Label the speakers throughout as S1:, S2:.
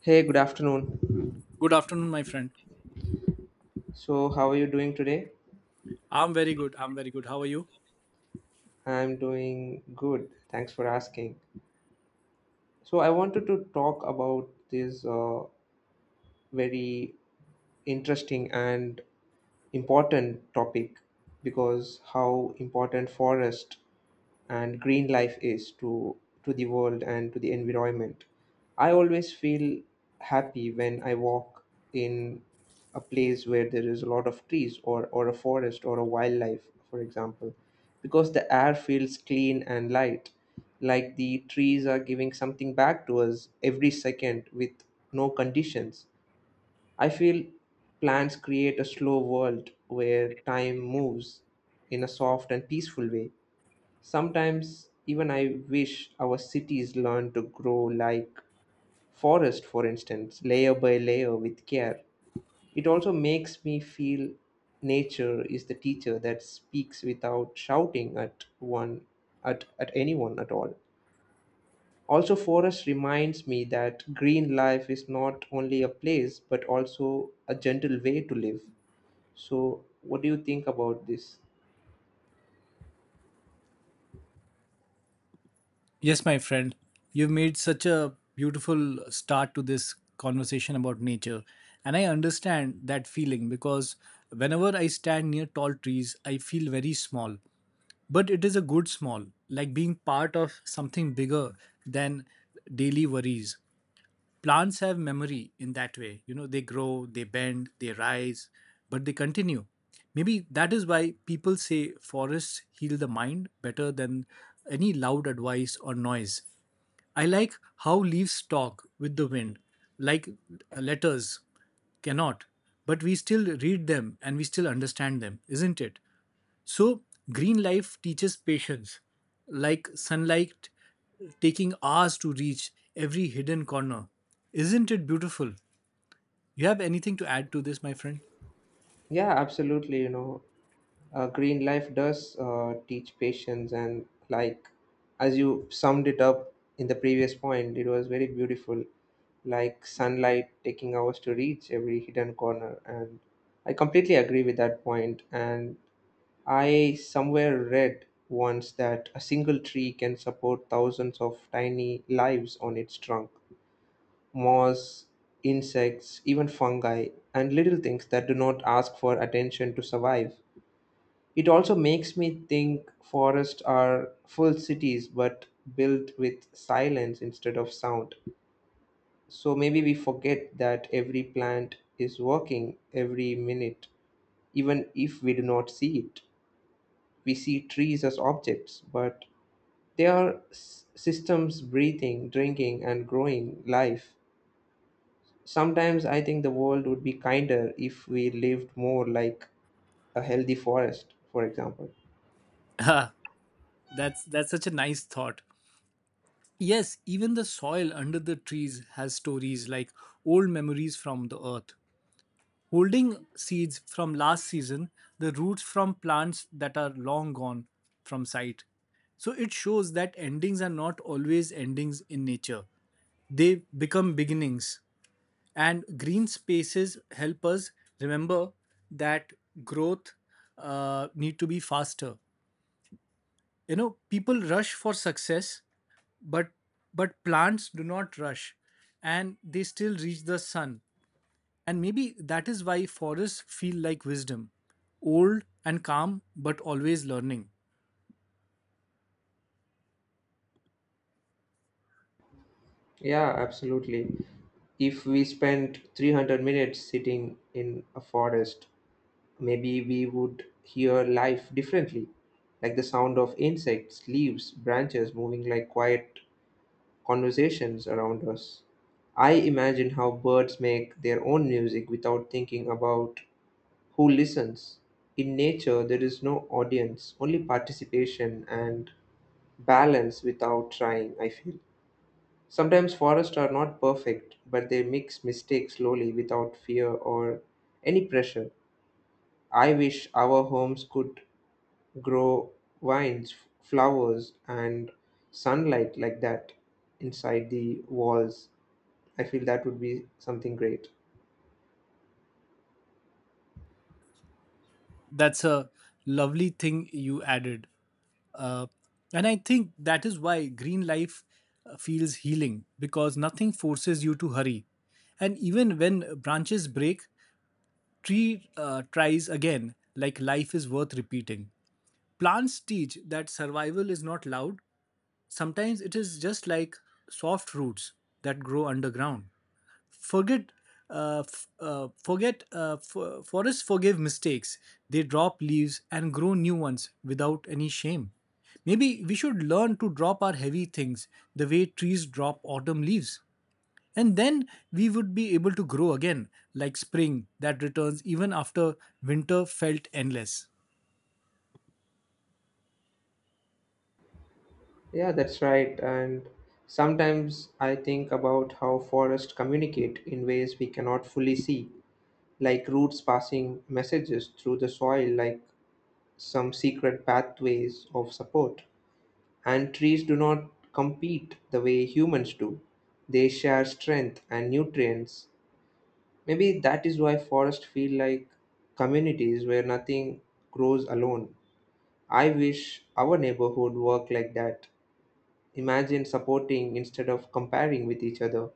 S1: Hey, good afternoon.
S2: Good afternoon, my friend.
S1: So, how are you doing today?
S2: I'm very good. I'm very good. How are you?
S1: I'm doing good. Thanks for asking. So, I wanted to talk about this very interesting and important topic because how important forest and green life is to the world and to the environment. I always feel happy when I walk in a place where there is a lot of trees or a forest or a wildlife, for example, because the air feels clean and light, like the trees are giving something back to us every second with no conditions. I feel plants create a slow world where time moves in a soft and peaceful way. Sometimes even I wish our cities learned to grow like forest, for instance, layer by layer with care. It also makes me feel nature is the teacher that speaks without shouting at one at anyone at all. Also, forest reminds me that green life is not only a place but also a gentle way to live. So, what do you think about this?
S2: Yes, my friend. You've made such a beautiful start to this conversation about nature. And I understand that feeling because whenever I stand near tall trees, I feel very small. But it is a good small, like being part of something bigger than daily worries. Plants have memory in that way, you know. They grow, they bend, they rise, but they continue. Maybe that is why people say forests heal the mind better than any loud advice or noise. I like how leaves talk with the wind, like letters cannot, but we still read them and we still understand them, isn't it? So green life teaches patience, like sunlight taking hours to reach every hidden corner. Isn't it beautiful? You have anything to add to this, my friend?
S1: Yeah, absolutely. Green life does teach patience and, like, as you summed it up in the previous point, it was very beautiful, like sunlight taking hours to reach every hidden corner. And I completely agree with that point. And I somewhere read once that a single tree can support thousands of tiny lives on its trunk: moss, insects, even fungi, and little things that do not ask for attention to survive. It also makes me think forests are full cities but built with silence instead of sound. So maybe we forget that every plant is working every minute, even if we do not see it. We see trees as objects, but systems breathing, drinking, and growing life. Sometimes I think the world would be kinder if we lived more like a healthy forest, for example.
S2: Ah, that's such a nice thought. Yes, even the soil under the trees has stories, like old memories from the earth, holding seeds from last season, the roots from plants that are long gone from sight. So it shows that endings are not always endings in nature. They become beginnings. And green spaces help us remember that growth need to be faster. You know, people rush for success, but plants do not rush, and they still reach the sun. And maybe that is why forests feel like wisdom, old and calm but always learning.
S1: Yeah, absolutely. If we spent 300 minutes sitting in a forest, maybe we would hear life differently, like the sound of insects, leaves, branches moving like quiet conversations around us. I imagine how birds make their own music without thinking about who listens. In nature, there is no audience, only participation and balance without trying, I feel. Sometimes forests are not perfect, but they mix mistakes slowly without fear or any pressure. I wish our homes could grow vines, flowers, and sunlight like that inside the walls. I feel that would be something great.
S2: That's a lovely thing you added. Uh, and I think that is why green life feels healing, because nothing forces you to hurry. And even when branches break, tree tries again, like life is worth repeating. Plants teach that survival is not loud. Sometimes it is just like soft roots that grow underground. Forget, f- forget f- Forests forgive mistakes. They drop leaves and grow new ones without any shame. Maybe we should learn to drop our heavy things the way trees drop autumn leaves. And then we would be able to grow again, like spring that returns even after winter felt endless.
S1: Yeah, that's right. And sometimes I think about how forests communicate in ways we cannot fully see, like roots passing messages through the soil, like some secret pathways of support. And trees do not compete the way humans do, they share strength and nutrients. Maybe that is why forests feel like communities where nothing grows alone. I wish our neighborhood worked like that. Imagine supporting instead of comparing with each other.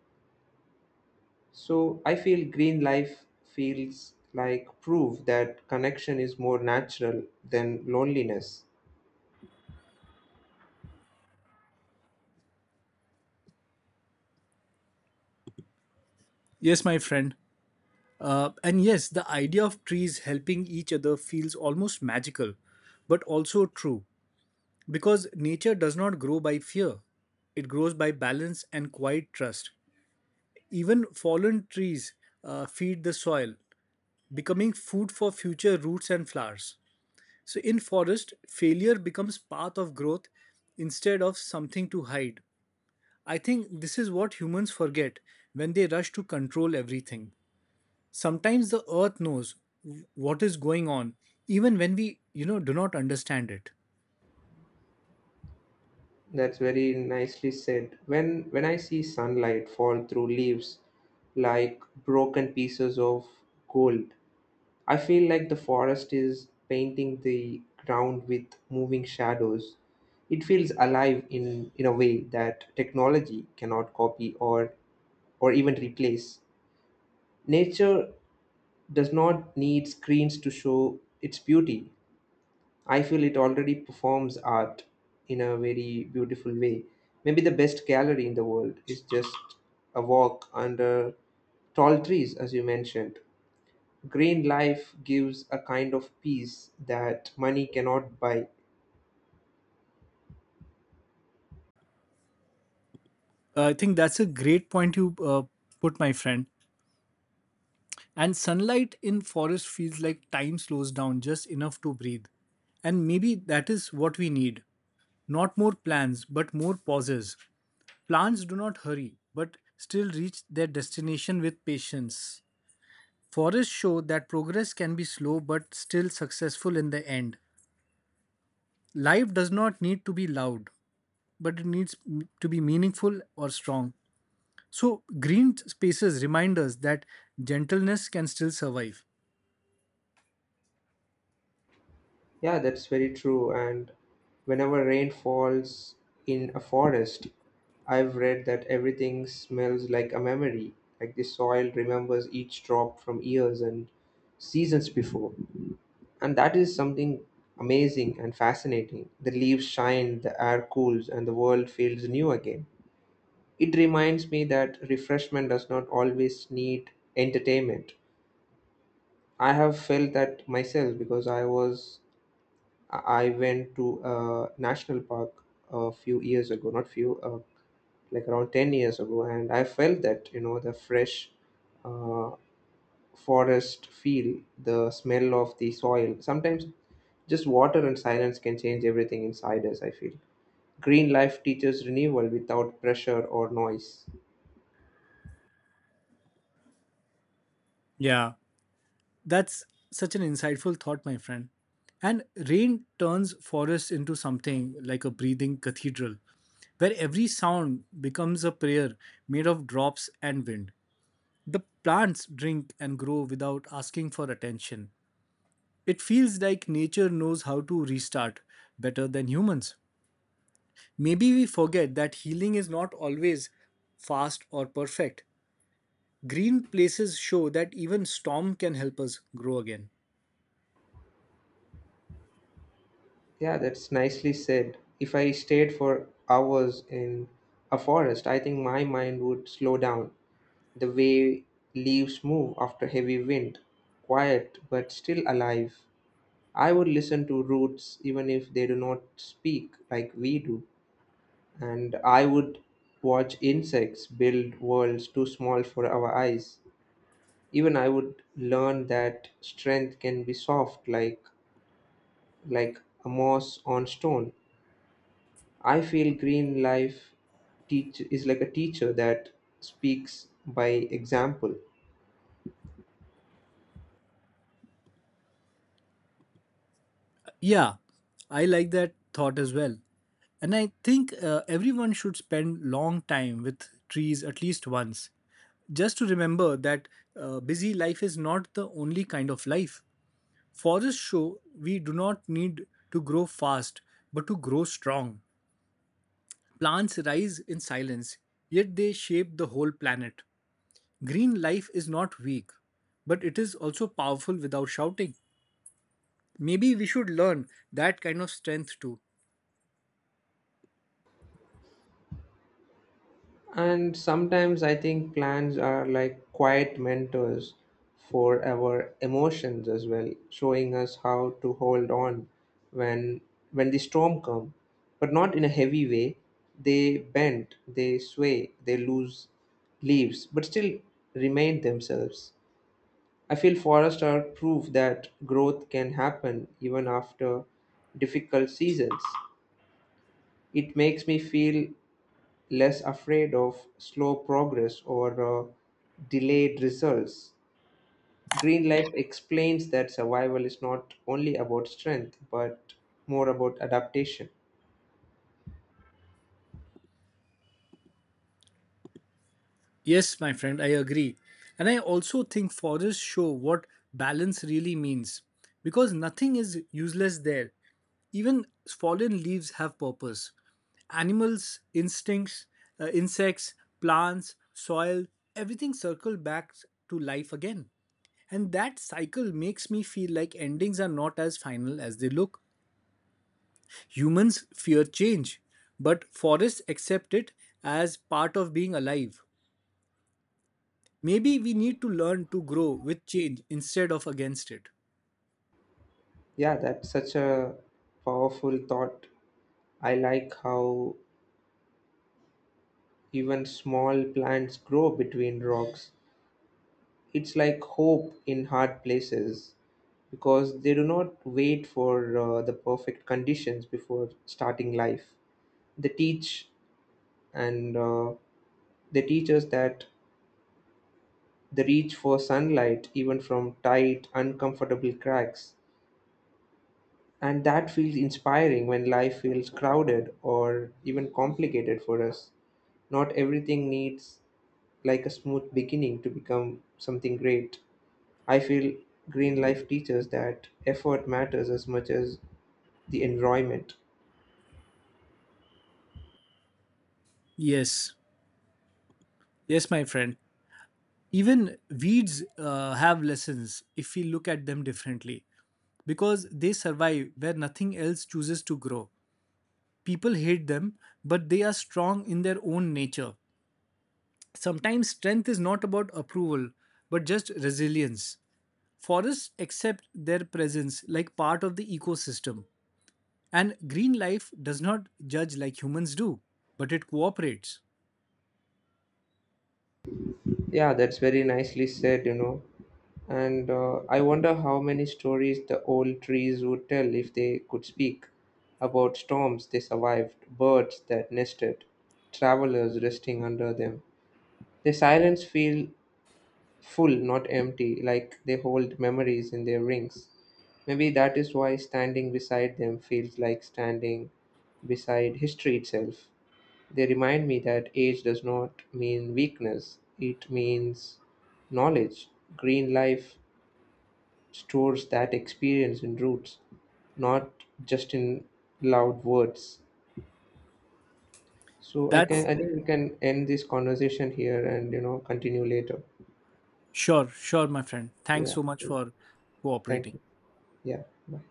S1: So I feel green life feels like proof that connection is more natural than loneliness.
S2: Yes, my friend. And yes, the idea of trees helping each other feels almost magical, but also true, because nature does not grow by fear. It grows by balance and quiet trust. Even fallen trees feed the soil, becoming food for future roots and flowers. So in forest, failure becomes path of growth instead of something to hide. I think this is what humans forget when they rush to control everything. Sometimes the earth knows what is going on, even when we, you know, do not understand it.
S1: That's very nicely said. When I see sunlight fall through leaves like broken pieces of gold, I feel like the forest is painting the ground with moving shadows. It feels alive in a way that technology cannot copy or even replace. Nature does not need screens to show its beauty. I feel it already performs art in a very beautiful way. Maybe the best gallery in the world is just a walk under tall trees, as you mentioned. Green life gives a kind of peace that money cannot buy.
S2: I think that's a great point you put, my friend. And sunlight in forest feels like time slows down just enough to breathe. And maybe that is what we need, not more plans but more pauses. Plants do not hurry, but still reach their destination with patience. Forests show that progress can be slow but still successful in the end. Life does not need to be loud, but it needs to be meaningful or strong. So, green spaces remind us that gentleness can still survive.
S1: Yeah, that's very true. And whenever rain falls in a forest, I've read that everything smells like a memory, like the soil remembers each drop from years and seasons before. And that is something amazing and fascinating. The leaves shine, the air cools, and the world feels new again. It reminds me that refreshment does not always need entertainment. I have felt that myself because I went to a national park a few years ago, not few, like around 10 years ago, and I felt that, you know, the fresh uh, forest feel, the smell of the soil, sometimes just water and silence can change everything inside us. I feel green life teaches renewal without pressure or noise.
S2: Yeah, that's such an insightful thought, my friend. And rain turns forests into something like a breathing cathedral, where every sound becomes a prayer made of drops and wind. The plants drink and grow without asking for attention. It feels like nature knows how to restart better than humans. Maybe we forget that healing is not always fast or perfect. Green places show that even storm can help us grow again.
S1: Yeah, that's nicely said. If I stayed for hours in a forest, I think my mind would slow down the way leaves move after heavy wind, quiet but still alive. I would listen to roots even if they do not speak like we do, and I would watch insects build worlds too small for our eyes. Even I would learn that strength can be soft, like a moss on stone. I feel green life teach is like a teacher that speaks by example.
S2: Yeah, I like that thought as well. And I think everyone should spend long time with trees at least once, just to remember that busy life is not the only kind of life. Forests show we do not need to grow fast, but to grow strong. Plants rise in silence, yet they shape the whole planet. Green life is not weak, but it is also powerful without shouting. Maybe we should learn that kind of strength too.
S1: And sometimes I think plans are like quiet mentors for our emotions as well, showing us how to hold on when the storm come, but not in a heavy way. They bend, they sway, they lose leaves, but still remain themselves. I feel forests are proof that growth can happen even after difficult seasons. It makes me feel less afraid of slow progress or delayed results. Green life explains that survival is not only about strength but more about adaptation.
S2: Yes, my friend, I agree. And I also think forests show what balance really means, because nothing is useless there. Even fallen leaves have purpose. Animals, instincts, insects, plants, soil, everything circle back to life again. And that cycle makes me feel like endings are not as final as they look. Humans fear change, but forests accept it as part of being alive. Maybe we need to learn to grow with change instead of against it.
S1: Yeah, that's such a powerful thought. I like how even small plants grow between rocks. It's like hope in hard places, because they do not wait for the perfect conditions before starting life. They teach and uh, They teach us that the reach for sunlight, even from tight, uncomfortable cracks, and that feels inspiring when life feels crowded or even complicated for us. Not everything needs like a smooth beginning to become something great. I feel green life teaches that effort matters as much as the environment.
S2: Yes, yes, my friend. Even weeds have lessons if we look at them differently, because they survive where nothing else chooses to grow. People hate them, but they are strong in their own nature. Sometimes strength is not about approval, but just resilience. Forests accept their presence like part of the ecosystem, and green life does not judge like humans do, but it cooperates.
S1: Yeah, that's very nicely said, you know. And I wonder how many stories the old trees would tell if they could speak about storms they survived, birds that nested, travelers resting under them. Their silence feel full, not empty, like they hold memories in their rings. Maybe that is why standing beside them feels like standing beside history itself. They remind me that age does not mean weakness, it means knowledge. Green life stores that experience in roots, not just in loud words. So
S2: That's
S1: I think we can end this conversation here and, you know, continue later.
S2: sure, sure, my friend. Thanks
S1: Yeah.
S2: so much for
S1: Thank
S2: cooperating.
S1: you. Yeah. Bye.